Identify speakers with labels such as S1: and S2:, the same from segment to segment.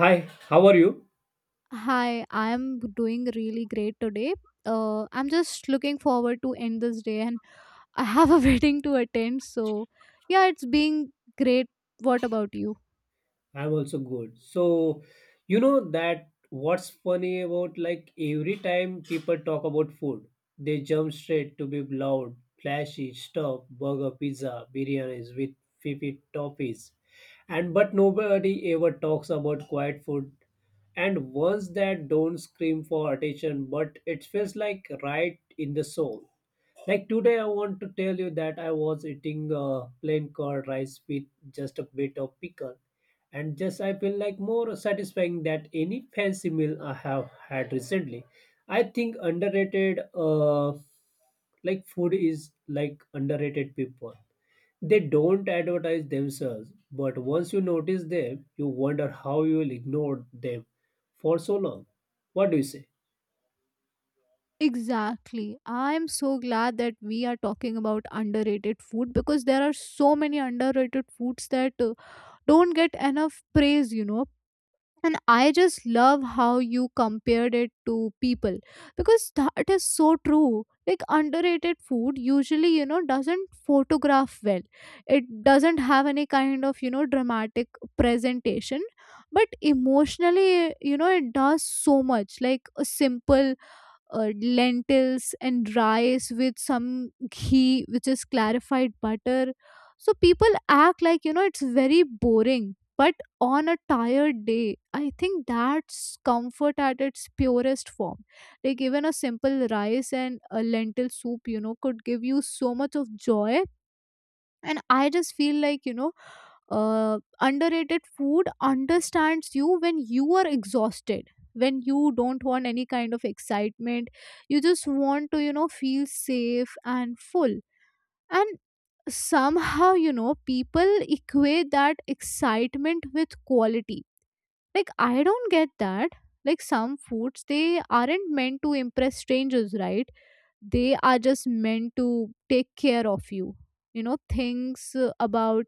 S1: Hi, how are you?
S2: Hi, I'm doing really great today. I'm just looking forward to end this day and I have a wedding to attend. So, yeah, it's being great. What about you?
S1: I'm also good. You know that what's funny about like every time people talk about food, they jump straight to be loud, flashy stuff, burger, pizza, biryanis with vivid toppings. And but nobody ever talks about quiet food and ones that don't scream for attention, but it feels like right in the soul. Like today, I want to tell you that I was eating plain curd rice with just a bit of pickle, and just I feel like more satisfying than any fancy meal I have had recently. I think like food is like underrated people. They don't advertise themselves, but once you notice them, you wonder how you will ignore them for so long. What do you say?
S2: Exactly. I'm so glad that we are talking about underrated food because there are so many underrated foods that don't get enough praise. And I just love how you compared it to people because that is so true, like underrated food usually doesn't photograph well. It doesn't have any kind of, you know, dramatic presentation, but emotionally, you know, it does so much, like a simple lentils and rice with some ghee, which is clarified butter. So people act like, you know, it's very boring, but on a tired day I think that's comfort at its purest form. Like even a simple rice and a lentil soup, you know, could give you so much of joy. And I just feel like underrated food understands you when you are exhausted, when you don't want any kind of excitement, you just want to, you know, feel safe and full. And somehow, you know, people equate that excitement with quality. Like I don't get that. Like some foods, they aren't meant to impress strangers, right? They are just meant to take care of you. You know things about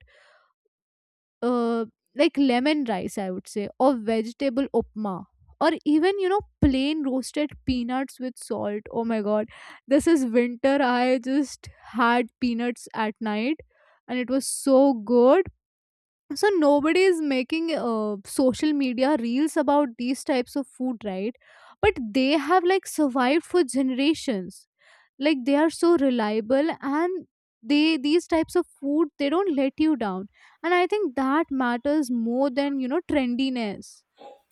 S2: uh, like lemon rice, I would say, or vegetable upma, or even, you know, plain roasted peanuts with salt. Oh my god, this is winter. I just had peanuts at night, and it was so good. So nobody is making social media reels about these types of food, right? But they have like survived for generations. Like they are so reliable, and they, these types of food, they don't let you down. And I think that matters more than, you know, trendiness.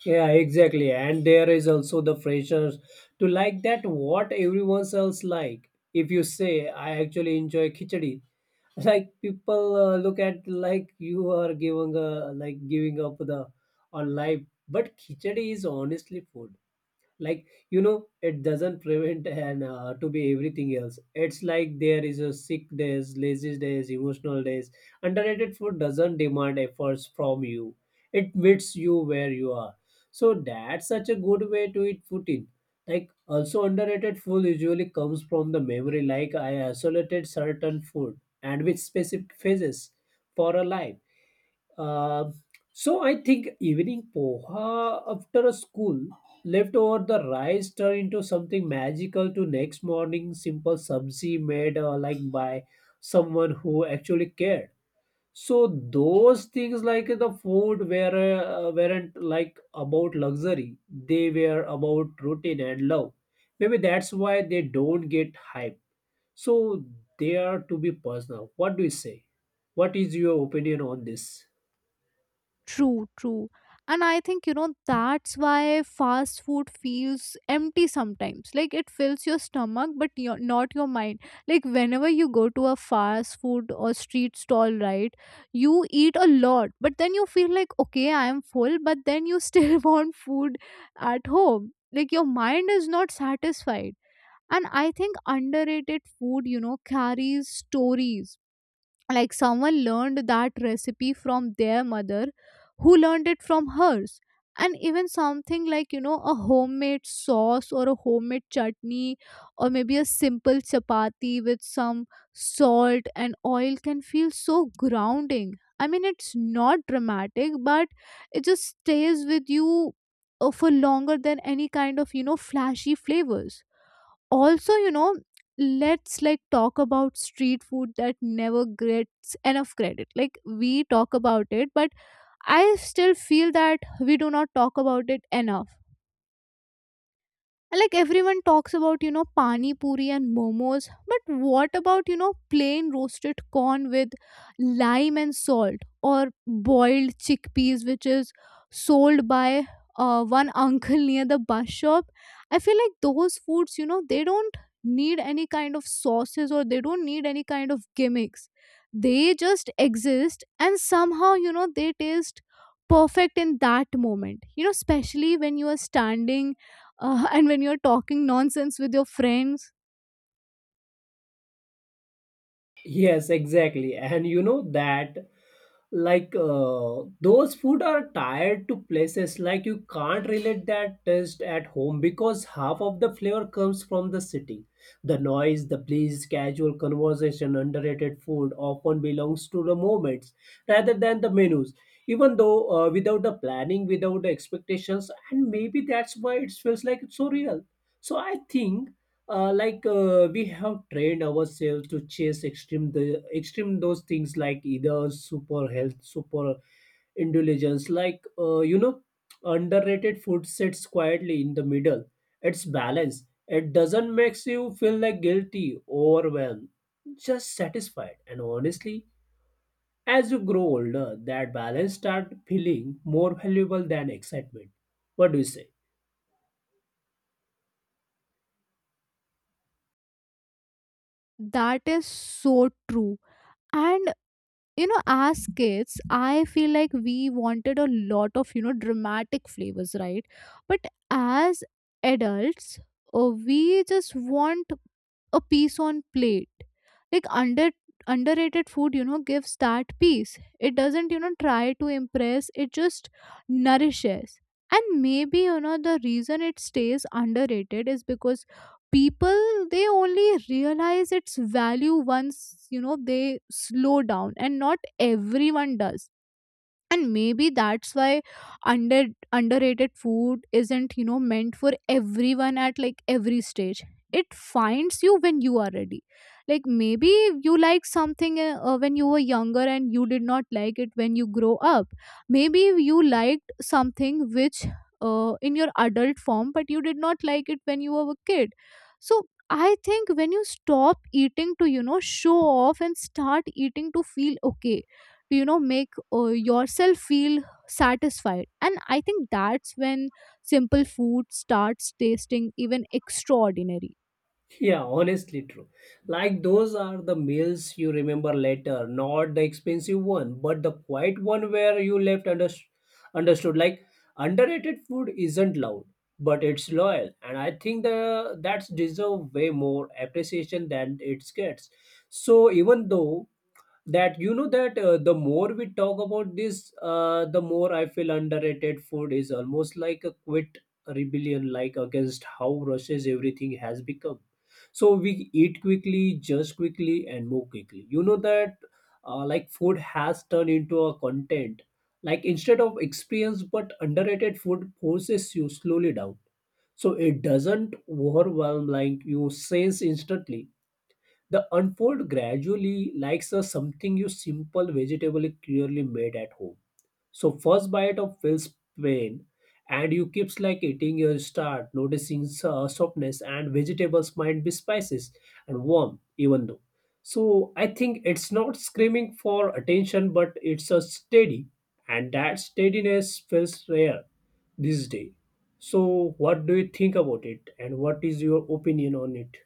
S1: Yeah, exactly. And there is also the pressure to like that what everyone else like. If you say I actually enjoy khichdi, like people look at like you are giving like giving up the on life. But khichdi is honestly food like you know it doesn't prevent and to be everything else it's like there is a sick days lazy days emotional days underrated food doesn't demand efforts from you it meets you where you are so that's such a good way to eat food in like also underrated food usually comes from the memory like I isolated certain food and with specific phases for a life um so I think evening poha after a school leftover the rice turned into something magical to next morning simple sabzi made like by someone who actually cared. So those things like the food were weren't like about luxury. They were about routine and love. Maybe that's why they don't get hype. So they are to be personal. What do you say? What is your opinion on this?
S2: True, true. And I think, you know, that's why fast food feels empty sometimes. Like it fills your stomach, but your, not your mind. Like whenever you go to a fast food or street stall, right, you eat a lot, but then you feel like, okay, I am full, but then you still want food at home. Like your mind is not satisfied. And I think underrated food, you know, carries stories, like someone learned that recipe from their mother who learned it from hers. And even something like, you know, a homemade sauce or a homemade chutney, or maybe a simple chapati with some salt and oil, can feel so grounding. I mean it's not dramatic, but it just stays with you for longer than any kind of, you know, flashy flavors. Also, you know, let's like talk about street food that never gets enough credit. Like we talk about it, but I still feel that we do not talk about it enough. Like everyone talks about, you know, pani puri and momos, but what about, you know, plain roasted corn with lime and salt, or boiled chickpeas, which is sold by one uncle near the bus shop. I feel like those foods, you know, they don't need any kind of sauces, or they don't need any kind of gimmicks. They just exist, and somehow, you know, they taste perfect in that moment, you know, especially when you are standing and when you're talking nonsense with your friends.
S1: Yes, exactly. And you know that those food are tied to places like you can't relate that taste at home because half of the flavor comes from the city. The noise, the breeze, casual conversation, underrated food often belongs to the moments rather than the menus. Even though without the planning, without the expectations, and maybe that's why it feels like it's so real. So I think we have trained ourselves to chase extreme the extreme those things like either super health super indulgence like you know underrated food sits quietly in the middle it's balanced it doesn't makes you feel like guilty overwhelmed just satisfied and honestly as you grow older that balance start feeling more valuable than excitement what do you say
S2: That is so true. And you know, as kids I feel like we wanted a lot of, you know, dramatic flavors, right? But as adults, we just want a piece on plate. Like underrated food, you know, gives that piece. It doesn't, you know, try to impress, it just nourishes. And maybe, you know, the reason it stays underrated is because people, they only realize its value once, you know, they slow down, and not everyone does. And maybe that's why under underrated food isn't, you know, meant for everyone at like every stage. It finds you when you are ready. Like maybe you like something when you were younger, and you did not like it when you grow up. Maybe you liked something which in your adult form, but you did not like it when you were a kid. So I think when you stop eating to, you know, show off, and start eating to feel okay, to, you know, make yourself feel satisfied. And I think that's when simple food starts tasting even extraordinary.
S1: Yeah, honestly true. Like those are the meals you remember later, not the expensive one, but the quiet one where you left understood. Like underrated food isn't loud, but it's loyal, and I think the that's deserve way more appreciation than it gets. So even though that you know that the more we talk about this, the more I feel underrated food is almost like a quit rebellion, like against how rushes everything has become. So we eat quickly, judge quickly, and move quickly. You know that like food has turned into a content. Like instead of experience, but underrated food forces you slowly down. So it doesn't overwhelm like you sense instantly. The unfold gradually likes a something you simple vegetable clearly made at home so first bite of feels pain, and you keeps like eating your start noticing softness and vegetables might be spices and warm even though. So I think it's not screaming for attention, but it's a steady, and that steadiness feels rare this day. So what do you think about it, and what is your opinion on it?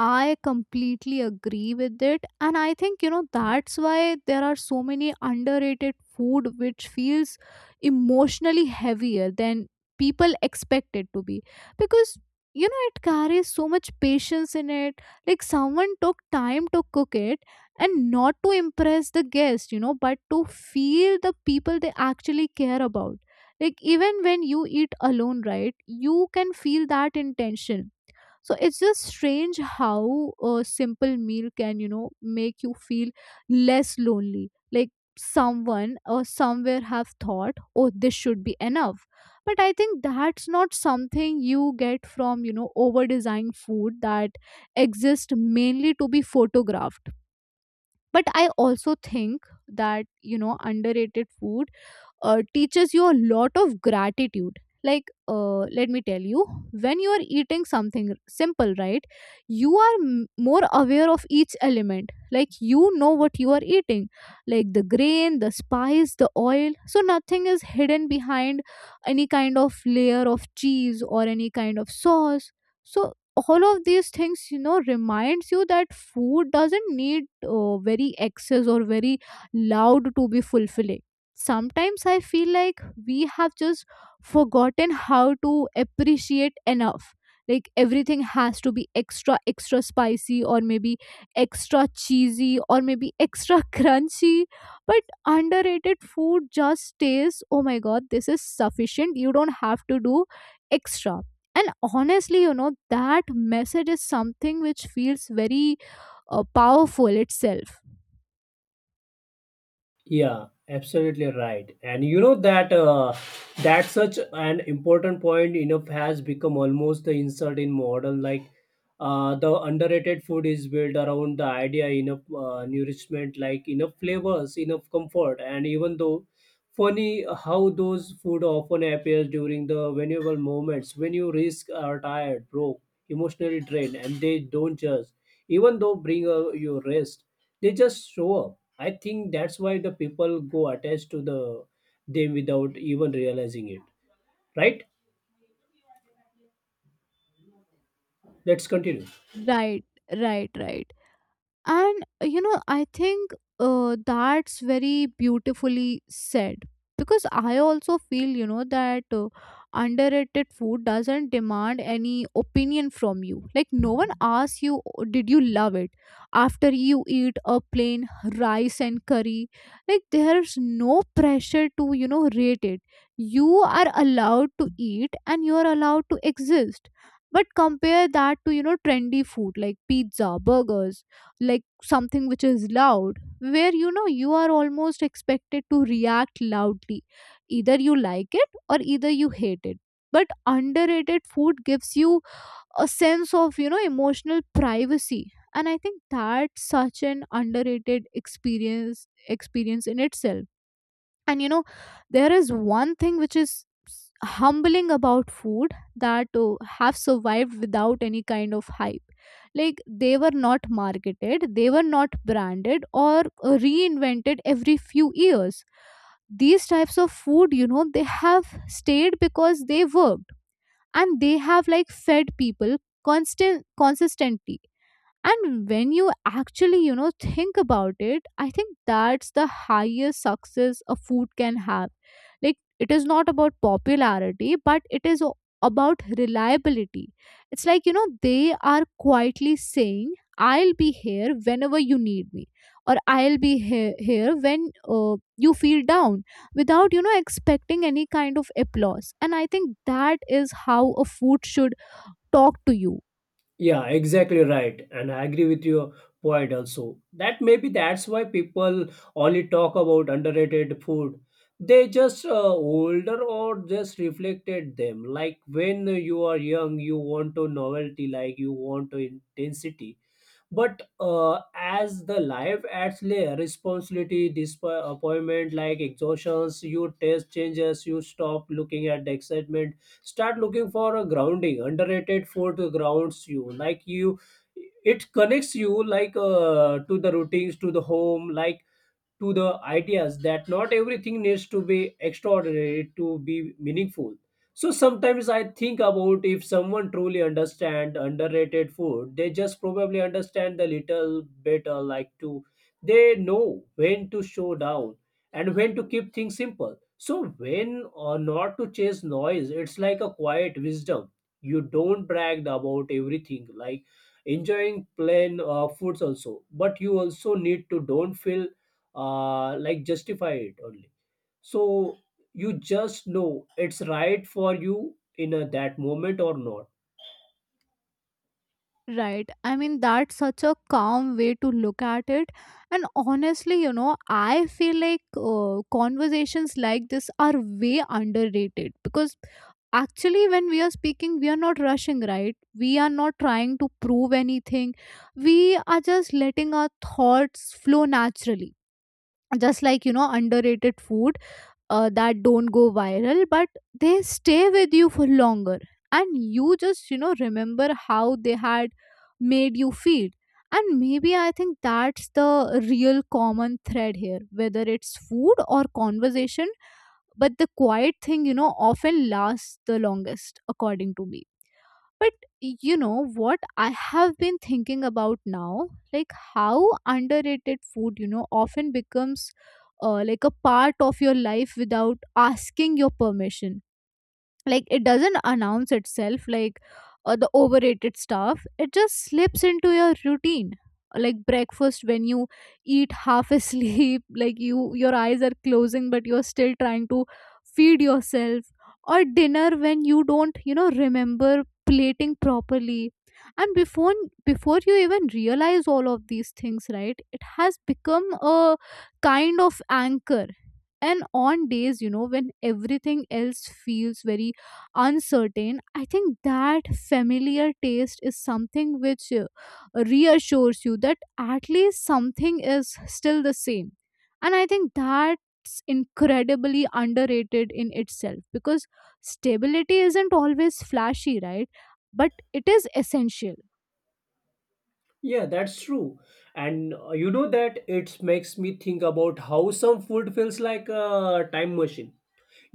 S2: I completely agree with it. And I think, you know, that's why there are so many underrated food which feels emotionally heavier than people expect it to be. Because, you know, it carries so much patience in it. Like someone took time to cook it, and not to impress the guest, you know, but to feel the people they actually care about. Like even when you eat alone, right, you can feel that intention. So it's just strange how a simple meal can, you know, make you feel less lonely. Like someone or somewhere have thought, oh, this should be enough. But I think that's not something you get from, you know, over designed food that exist mainly to be photographed. But I also think that, you know, underrated food teaches you a lot of gratitude. Like let me tell you, when you are eating something simple, right, you are more aware of each element. Like you know what you are eating, like the grain, the spice, the oil. So nothing is hidden behind any kind of layer of cheese or any kind of sauce. So all of these things, you know, reminds you that food doesn't need very excess or very loud to be fulfilling. Sometimes I feel like we have just forgotten how to appreciate enough. Like everything has to be extra, extra spicy, or maybe extra cheesy, or maybe extra crunchy. But underrated food just tastes, oh my god, this is sufficient. You don't have to do extra. And honestly, you know, that message is something which feels very powerful itself.
S1: Yeah, absolutely right. And you know that that such an important point enough has become almost the insult in modern like the underrated food is built around the idea enough nourishment like enough flavors, enough comfort, and even though funny how those food often appears during the vulnerable moments when you risk are tired, broke, emotionally drained, and they don't judge. Even though bring you rest, they just show up. I think that's why the people go attached to the them without even realizing it. Right? Let's continue.
S2: Right, right, right. And you know, I think that's very beautifully said, because I also feel, you know, that underrated food doesn't demand any opinion from you. Like, no one asks you, "Oh, did you love it?" After you eat a plain rice and curry, like, there's no pressure to, you know, rate it. You are allowed to eat, and you're allowed to exist. But compare that to, you know, trendy food like pizza, burgers, like something which is loud, where, you know, you are almost expected to react loudly. Either you like it, or either you hate it. But underrated food gives you a sense of, you know, emotional privacy. And I think that's such an underrated experience in itself. And you know, there is one thing which is humbling about food, that have survived without any kind of hype. Like they were not marketed, they were not branded, or reinvented every few years. These types of food, you know, they have stayed because they worked. And they have like fed people constant consistently. And when you actually, you know, think about it, I think that's the highest success a food can have. Like it is not about popularity, but it is about reliability. It's like, you know, they are quietly saying, I'll be here whenever you need me. Or I'll be here when uh, you feel down, without, you know, expecting any kind of applause. And I think that is how a food should talk to you.
S1: Yeah, exactly right. And I agree with your point also. That maybe that's why people only talk about underrated food. They just older or just reflected them. Like when you are young, you want to novelty, like you want to intensity. But as the life adds layer, responsibility, disappointment, like exhaustions, you taste changes, you stop looking at the excitement, start looking for a grounding. Underrated food grounds you, like you, it connects you like to the routines, to the home, like to the ideas that not everything needs to be extraordinary to be meaningful. So sometimes I think about if someone truly understand underrated food, they just probably understand the little better like to they know when to show down and when to keep things simple. So when or not to chase noise, it's like a quiet wisdom. You don't brag about everything like enjoying plain foods also but you also need to don't feel like justify it only so you just know it's right for you in a, that moment or not
S2: Right. I mean, that's such a calm way to look at it. And honestly, you know, I feel like conversations like this are way underrated, because actually, when we are speaking, we are not rushing, right? We are not trying to prove anything. We are just letting our thoughts flow naturally. Just like, you know, underrated food that don't go viral, but they stay with you for longer. And you just, you know, remember how they had made you feel. And maybe I think that's the real common thread here, whether it's food or conversation. But the quiet thing, you know, often lasts the longest according to me. But you know what I have been thinking about now? Like how underrated food, you know, often becomes like a part of your life without asking your permission. Like it doesn't announce itself, like the overrated stuff. It just slips into your routine, like breakfast when you eat half asleep like your eyes are closing but you're still trying to feed yourself, or dinner when you don't, you know, remember plating properly. And before you even realize all of these things, right, it has become a kind of anchor. And on days, you know, when everything else feels very uncertain, I think that familiar taste is something which reassures you that at least something is still the same. And I think that's incredibly underrated in itself, because stability isn't always flashy, right? But it is essential.
S1: yeah that's true and you know that it makes me think about how some food feels like a time machine.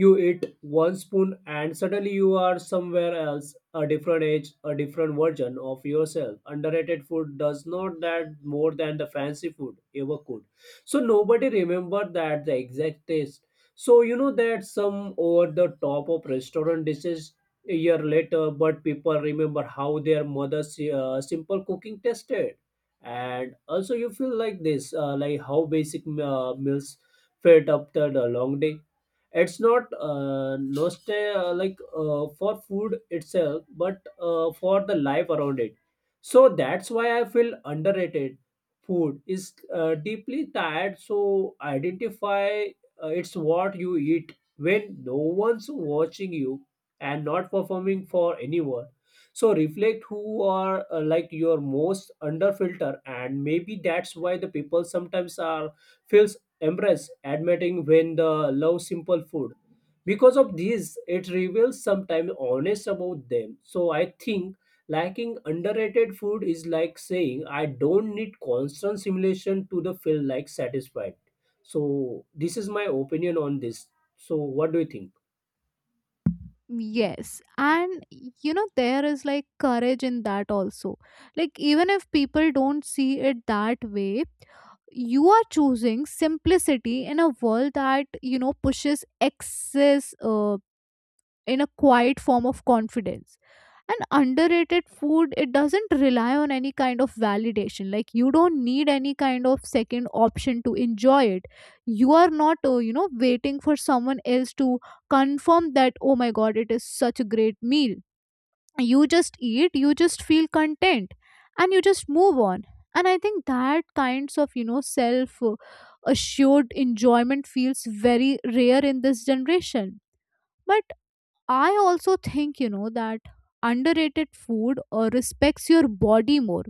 S1: You eat one spoon and suddenly you are somewhere else, a different age, a different version of yourself. Underrated food does not that more than the fancy food ever could. So nobody remember that the exact taste. So you know that some over the top of restaurant dishes a year later, but people remember how their mother's simple cooking tasted. And also you feel like this, like how basic meals fed after the long day it's not nostalgia like for food itself but for the life around it so that's why I feel underrated food is deeply tired so identify it's what you eat when no one's watching you and not performing for anyone so reflect who are like your most under filter and maybe that's why the people sometimes are feel embrace admitting when the love simple food because of this it reveals sometimes honest about them so I think lacking underrated food is like saying I don't need constant simulation to the feel like satisfied so this is my opinion on this so what do you think
S2: Yes, and you know, there is like courage in that also. Like, even if people don't see it that way, you are choosing simplicity in a world that, you know, pushes excess, in a quiet form of confidence. And underrated food, it doesn't rely on any kind of validation. Like, you don't need any kind of second option to enjoy it. You are not, you know, waiting for someone else to confirm that, oh my god, it is such a great meal. You just eat, you just feel content, and you just move on. And I think that kinds of, you know, self assured enjoyment feels very rare in this generation. But I also think, you know, that underrated food respects your body more.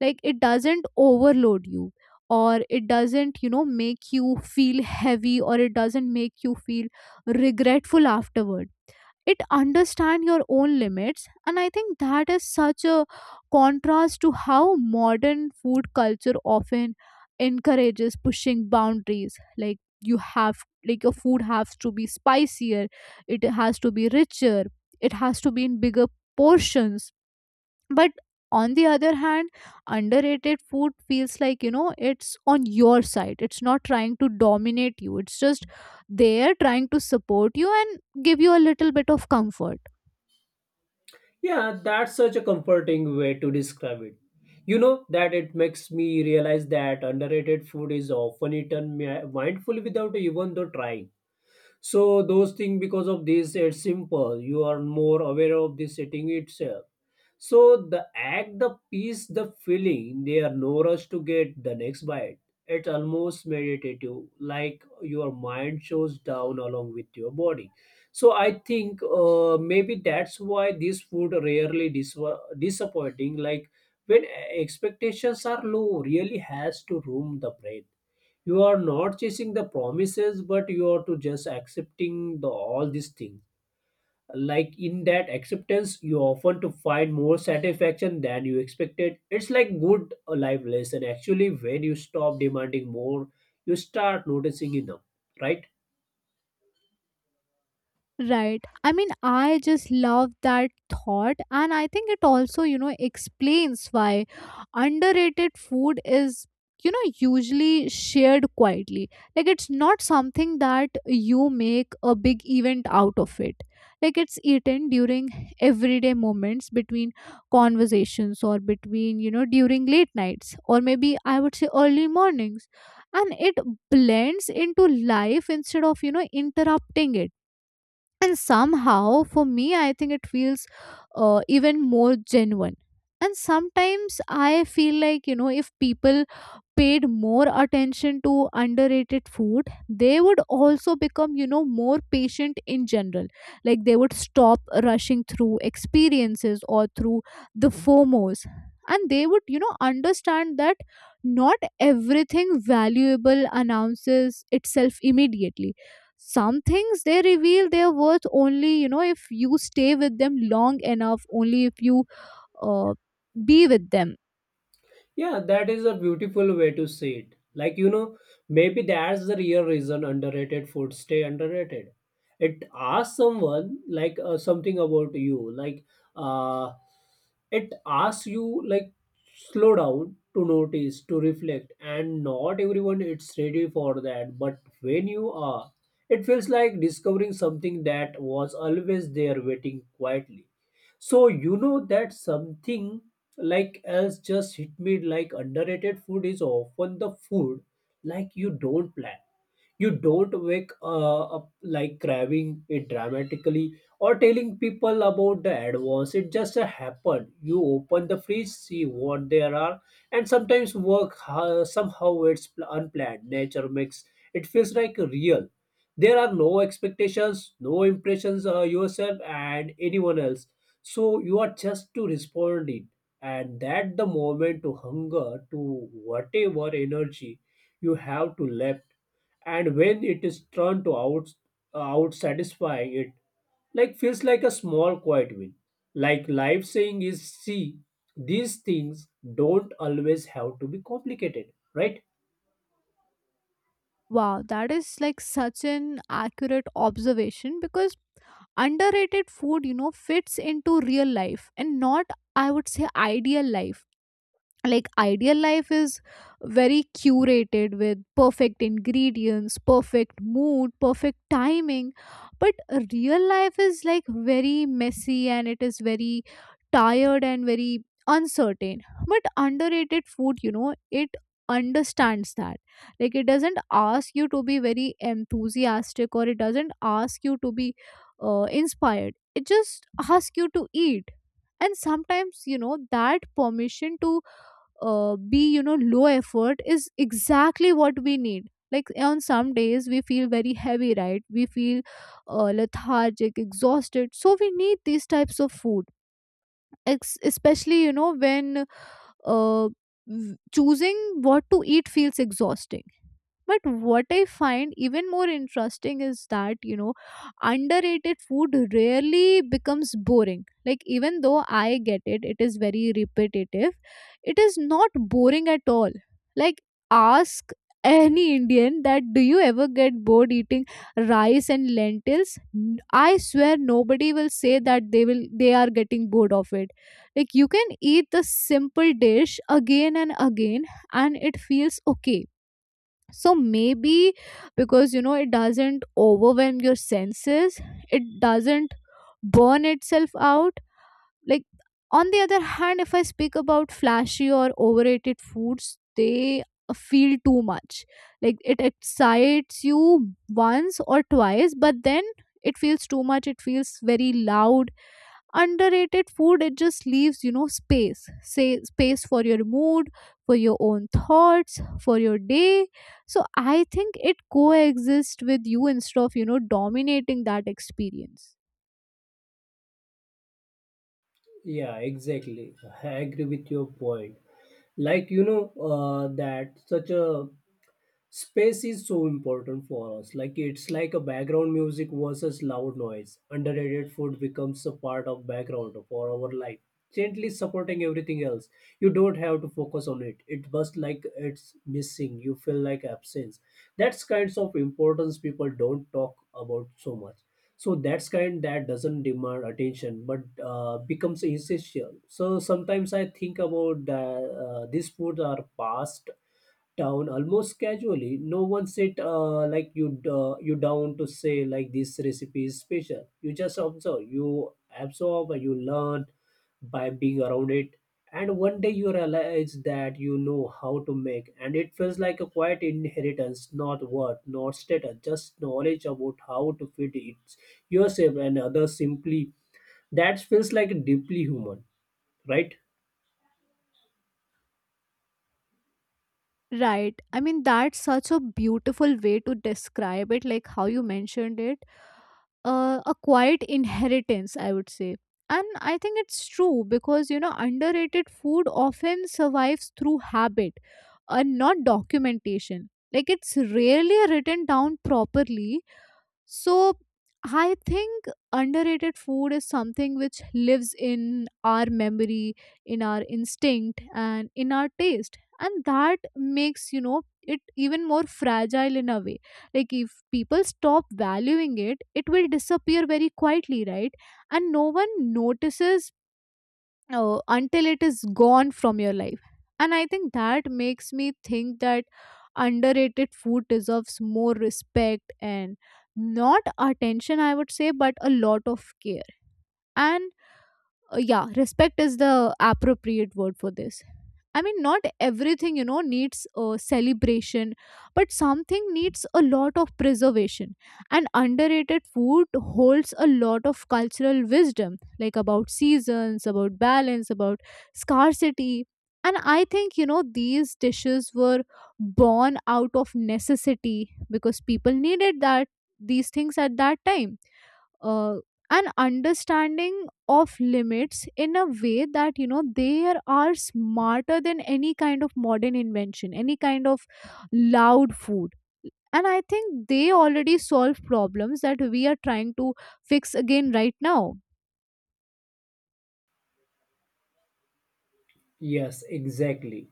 S2: Like, it doesn't overload you, or it doesn't, you know, make you feel heavy, or it doesn't make you feel regretful afterward. It understand your own limits, and I think that is such a contrast to how modern food culture often encourages pushing boundaries. Like, you have, like, your food has to be spicier, it has to be richer, it has to be in bigger portions. But on the other hand, underrated food feels like, you know, it's on your side. It's not trying to dominate you, it's just there trying to support you and give you a little bit of comfort.
S1: yeah that's such a comforting way to describe it you know that it makes me realize that underrated food is often eaten mindfully without even though trying. So those things because of this, it's simple. You are more aware of the setting itself. So the act, the piece, the feeling, they are no rush to get the next bite. It's almost meditative, like your mind shows down along with your body. So I think maybe that's why this food rarely disappointing. Like when expectations are low, really has to room the brain you are not chasing the promises but you are to just accepting the all these things like in that acceptance you often to find more satisfaction than you expected it's like good life lesson actually when you stop demanding more you start noticing enough right.
S2: Right. I mean, I just love that thought. And I think it also, you know, explains why underrated food is, you know, usually shared quietly. Like, it's not something that you make a big event out of it. Like, it's eaten during everyday moments between conversations, or between, you know, during late nights, or maybe I would say early mornings. And it blends into life instead of, you know, interrupting it. And somehow for me, I think it feels even more genuine. And sometimes I feel like, you know, if people paid more attention to underrated food, they would also become, you know, more patient in general. Like, they would stop rushing through experiences or through the fomos, and they would, you know, understand that not everything valuable announces itself immediately. Some things, they reveal their worth only, you know, if you stay with them long enough, only if you uh, be with them.
S1: Yeah, that is a beautiful way to see it. Like, you know, maybe that's the real reason underrated food stay underrated. It asks someone like something about you. Like, uh, it asks you like slow down to notice, to reflect, and not everyone it's ready for that. But when you are, it feels like discovering something that was always there waiting quietly. So you know that something like else just hit me like underrated food is often the food like you don't plan you don't wake up like craving it dramatically or telling people about the advance it just happen you open the fridge see what there are and sometimes work somehow it's unplanned nature makes it feels like real there are no expectations no impressions yourself and anyone else so you are just to respond it and that the moment to hunger to whatever energy you have to left and when it is turned to out satisfying it like feels like a small quiet win like life saying is see these things don't always have to be complicated right
S2: Wow, that is like such an accurate observation, because underrated food, you know, fits into real life and not, I would say, ideal life. Like, ideal life is very curated, with perfect ingredients, perfect mood, perfect timing. But real life is like very messy, and it is very tired and very uncertain. But underrated food, you know, it understands that. Like, it doesn't ask you to be very enthusiastic, or it doesn't ask you to be inspired. It just asks you to eat. And sometimes, you know, that permission to be, you know, low effort is exactly what we need. Like, on some days we feel very heavy, right? We feel lethargic, exhausted, so we need these types of food. Especially, you know, when uh, choosing what to eat feels exhausting. But what I find even more interesting is that, you know, underrated food rarely becomes boring. Like, even though I get it, it is very repetitive, it is not boring at all. Like, ask any Indian that, do you ever get bored eating rice and lentils? I swear nobody will say that they are getting bored of it. Like, you can eat the simple dish again and again, and it feels okay. So maybe because, you know, it doesn't overwhelm your senses, it doesn't burn itself out. Like, on the other hand, if I speak about flashy or overrated foods, they feel too much. Like, it excites you once or twice, but then it feels too much, it feels very loud. Underrated food, it just leaves, you know, space for your mood, for your own thoughts, for your day. So I think it coexists with you instead of, you know, dominating that experience.
S1: yeah exactly I agree with your point like you know that such a space is so important for us. Like it's like a background music versus loud noise. Underrated food becomes a part of background for our life, gently supporting everything else. You don't have to focus on it. It just like it's missing. You feel like absence. That's kinds of importance people don't talk about so much. So that's kind that doesn't demand attention, but becomes essential. So sometimes I think about the, these foods are past down almost casually. No one said like you you down to say like this recipe is special. You just observe, you absorb, and you learn by being around it. And one day you realize that you know how to make, and it feels like a quiet inheritance, not worth, not status, just knowledge about how to feed it yourself and others. Simply, that feels like deeply human, right?
S2: Right. I mean, that's such a beautiful way to describe it, like how you mentioned it, a quiet inheritance, I would say. And I think it's true because, you know, underrated food often survives through habit and not documentation. Like, it's rarely written down properly. So I think underrated food is something which lives in our memory, in our instinct, and in our taste. And that makes, you know, it even more fragile in a way. Like, if people stop valuing it, it will disappear very quietly, right? And no one notices until it is gone from your life. And I think that makes me think that underrated food deserves more respect, and not attention, I would say, but a lot of care. And yeah, respect is the appropriate word for this. I mean, not everything, you know, needs a celebration, but something needs a lot of preservation. And underrated food holds a lot of cultural wisdom, like about seasons, about balance, about scarcity. And I think, you know, these dishes were born out of necessity, because people needed that, these things at that time, uh, an understanding of limits in a way that, you know, they are smarter than any kind of modern invention, any kind of loud food. And I think they already solve problems that we are trying to fix again right now.
S1: Yes, exactly.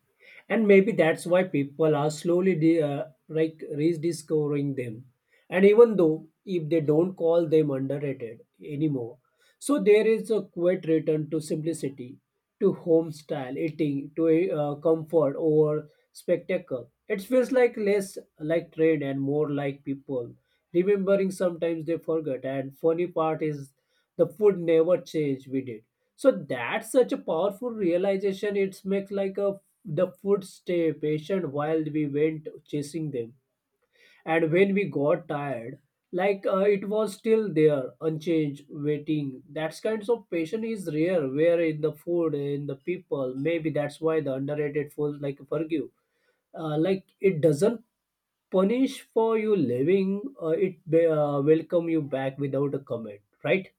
S1: And maybe that's why people are slowly like rediscovering them. And even though if they don't call them underrated anymore, so there is a quiet return to simplicity, to home style eating, to comfort over spectacle. It feels like less like trend and more like people remembering. Sometimes they forget, and funny part is the food never changed with it so that's such a powerful realization. It makes like a the food stay patient while we went chasing them, and when we got tired, it was still there, unchanged, waiting. That kinds of patience is rare. Where in the food, in the people, maybe that's why the underrated food like forgive, like it doesn't punish for you living. It welcome you back without a comment. Right?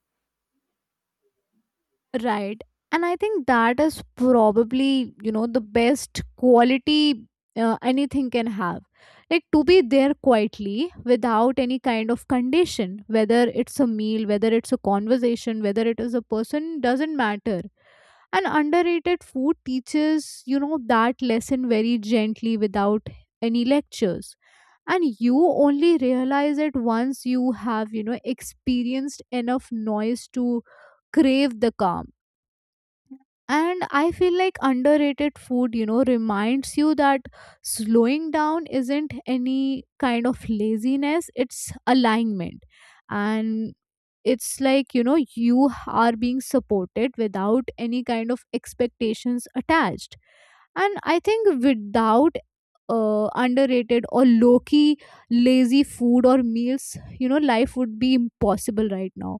S2: Right. And I think that is probably, you know, the best quality anything can have. Like, to be there quietly without any kind of condition, whether it's a meal, whether it's a conversation, whether it is a person, doesn't matter. And underrated food teaches, you know, that lesson very gently without any lectures. And you only realize it once you have, you know, experienced enough noise to crave the calm. And I feel like underrated food, you know, reminds you that slowing down isn't any kind of laziness, it's alignment. And it's like, you know, you are being supported without any kind of expectations attached. And I think without underrated or low key lazy food or meals, you know, life would be impossible right now.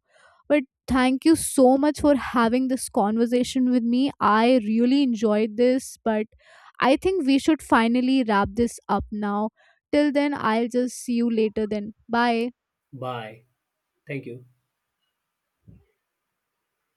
S2: But thank you so much for having this conversation with me. I really enjoyed this. But I think we should finally wrap this up now. Till then, I'll just see you later then. Bye.
S1: Bye. Thank you.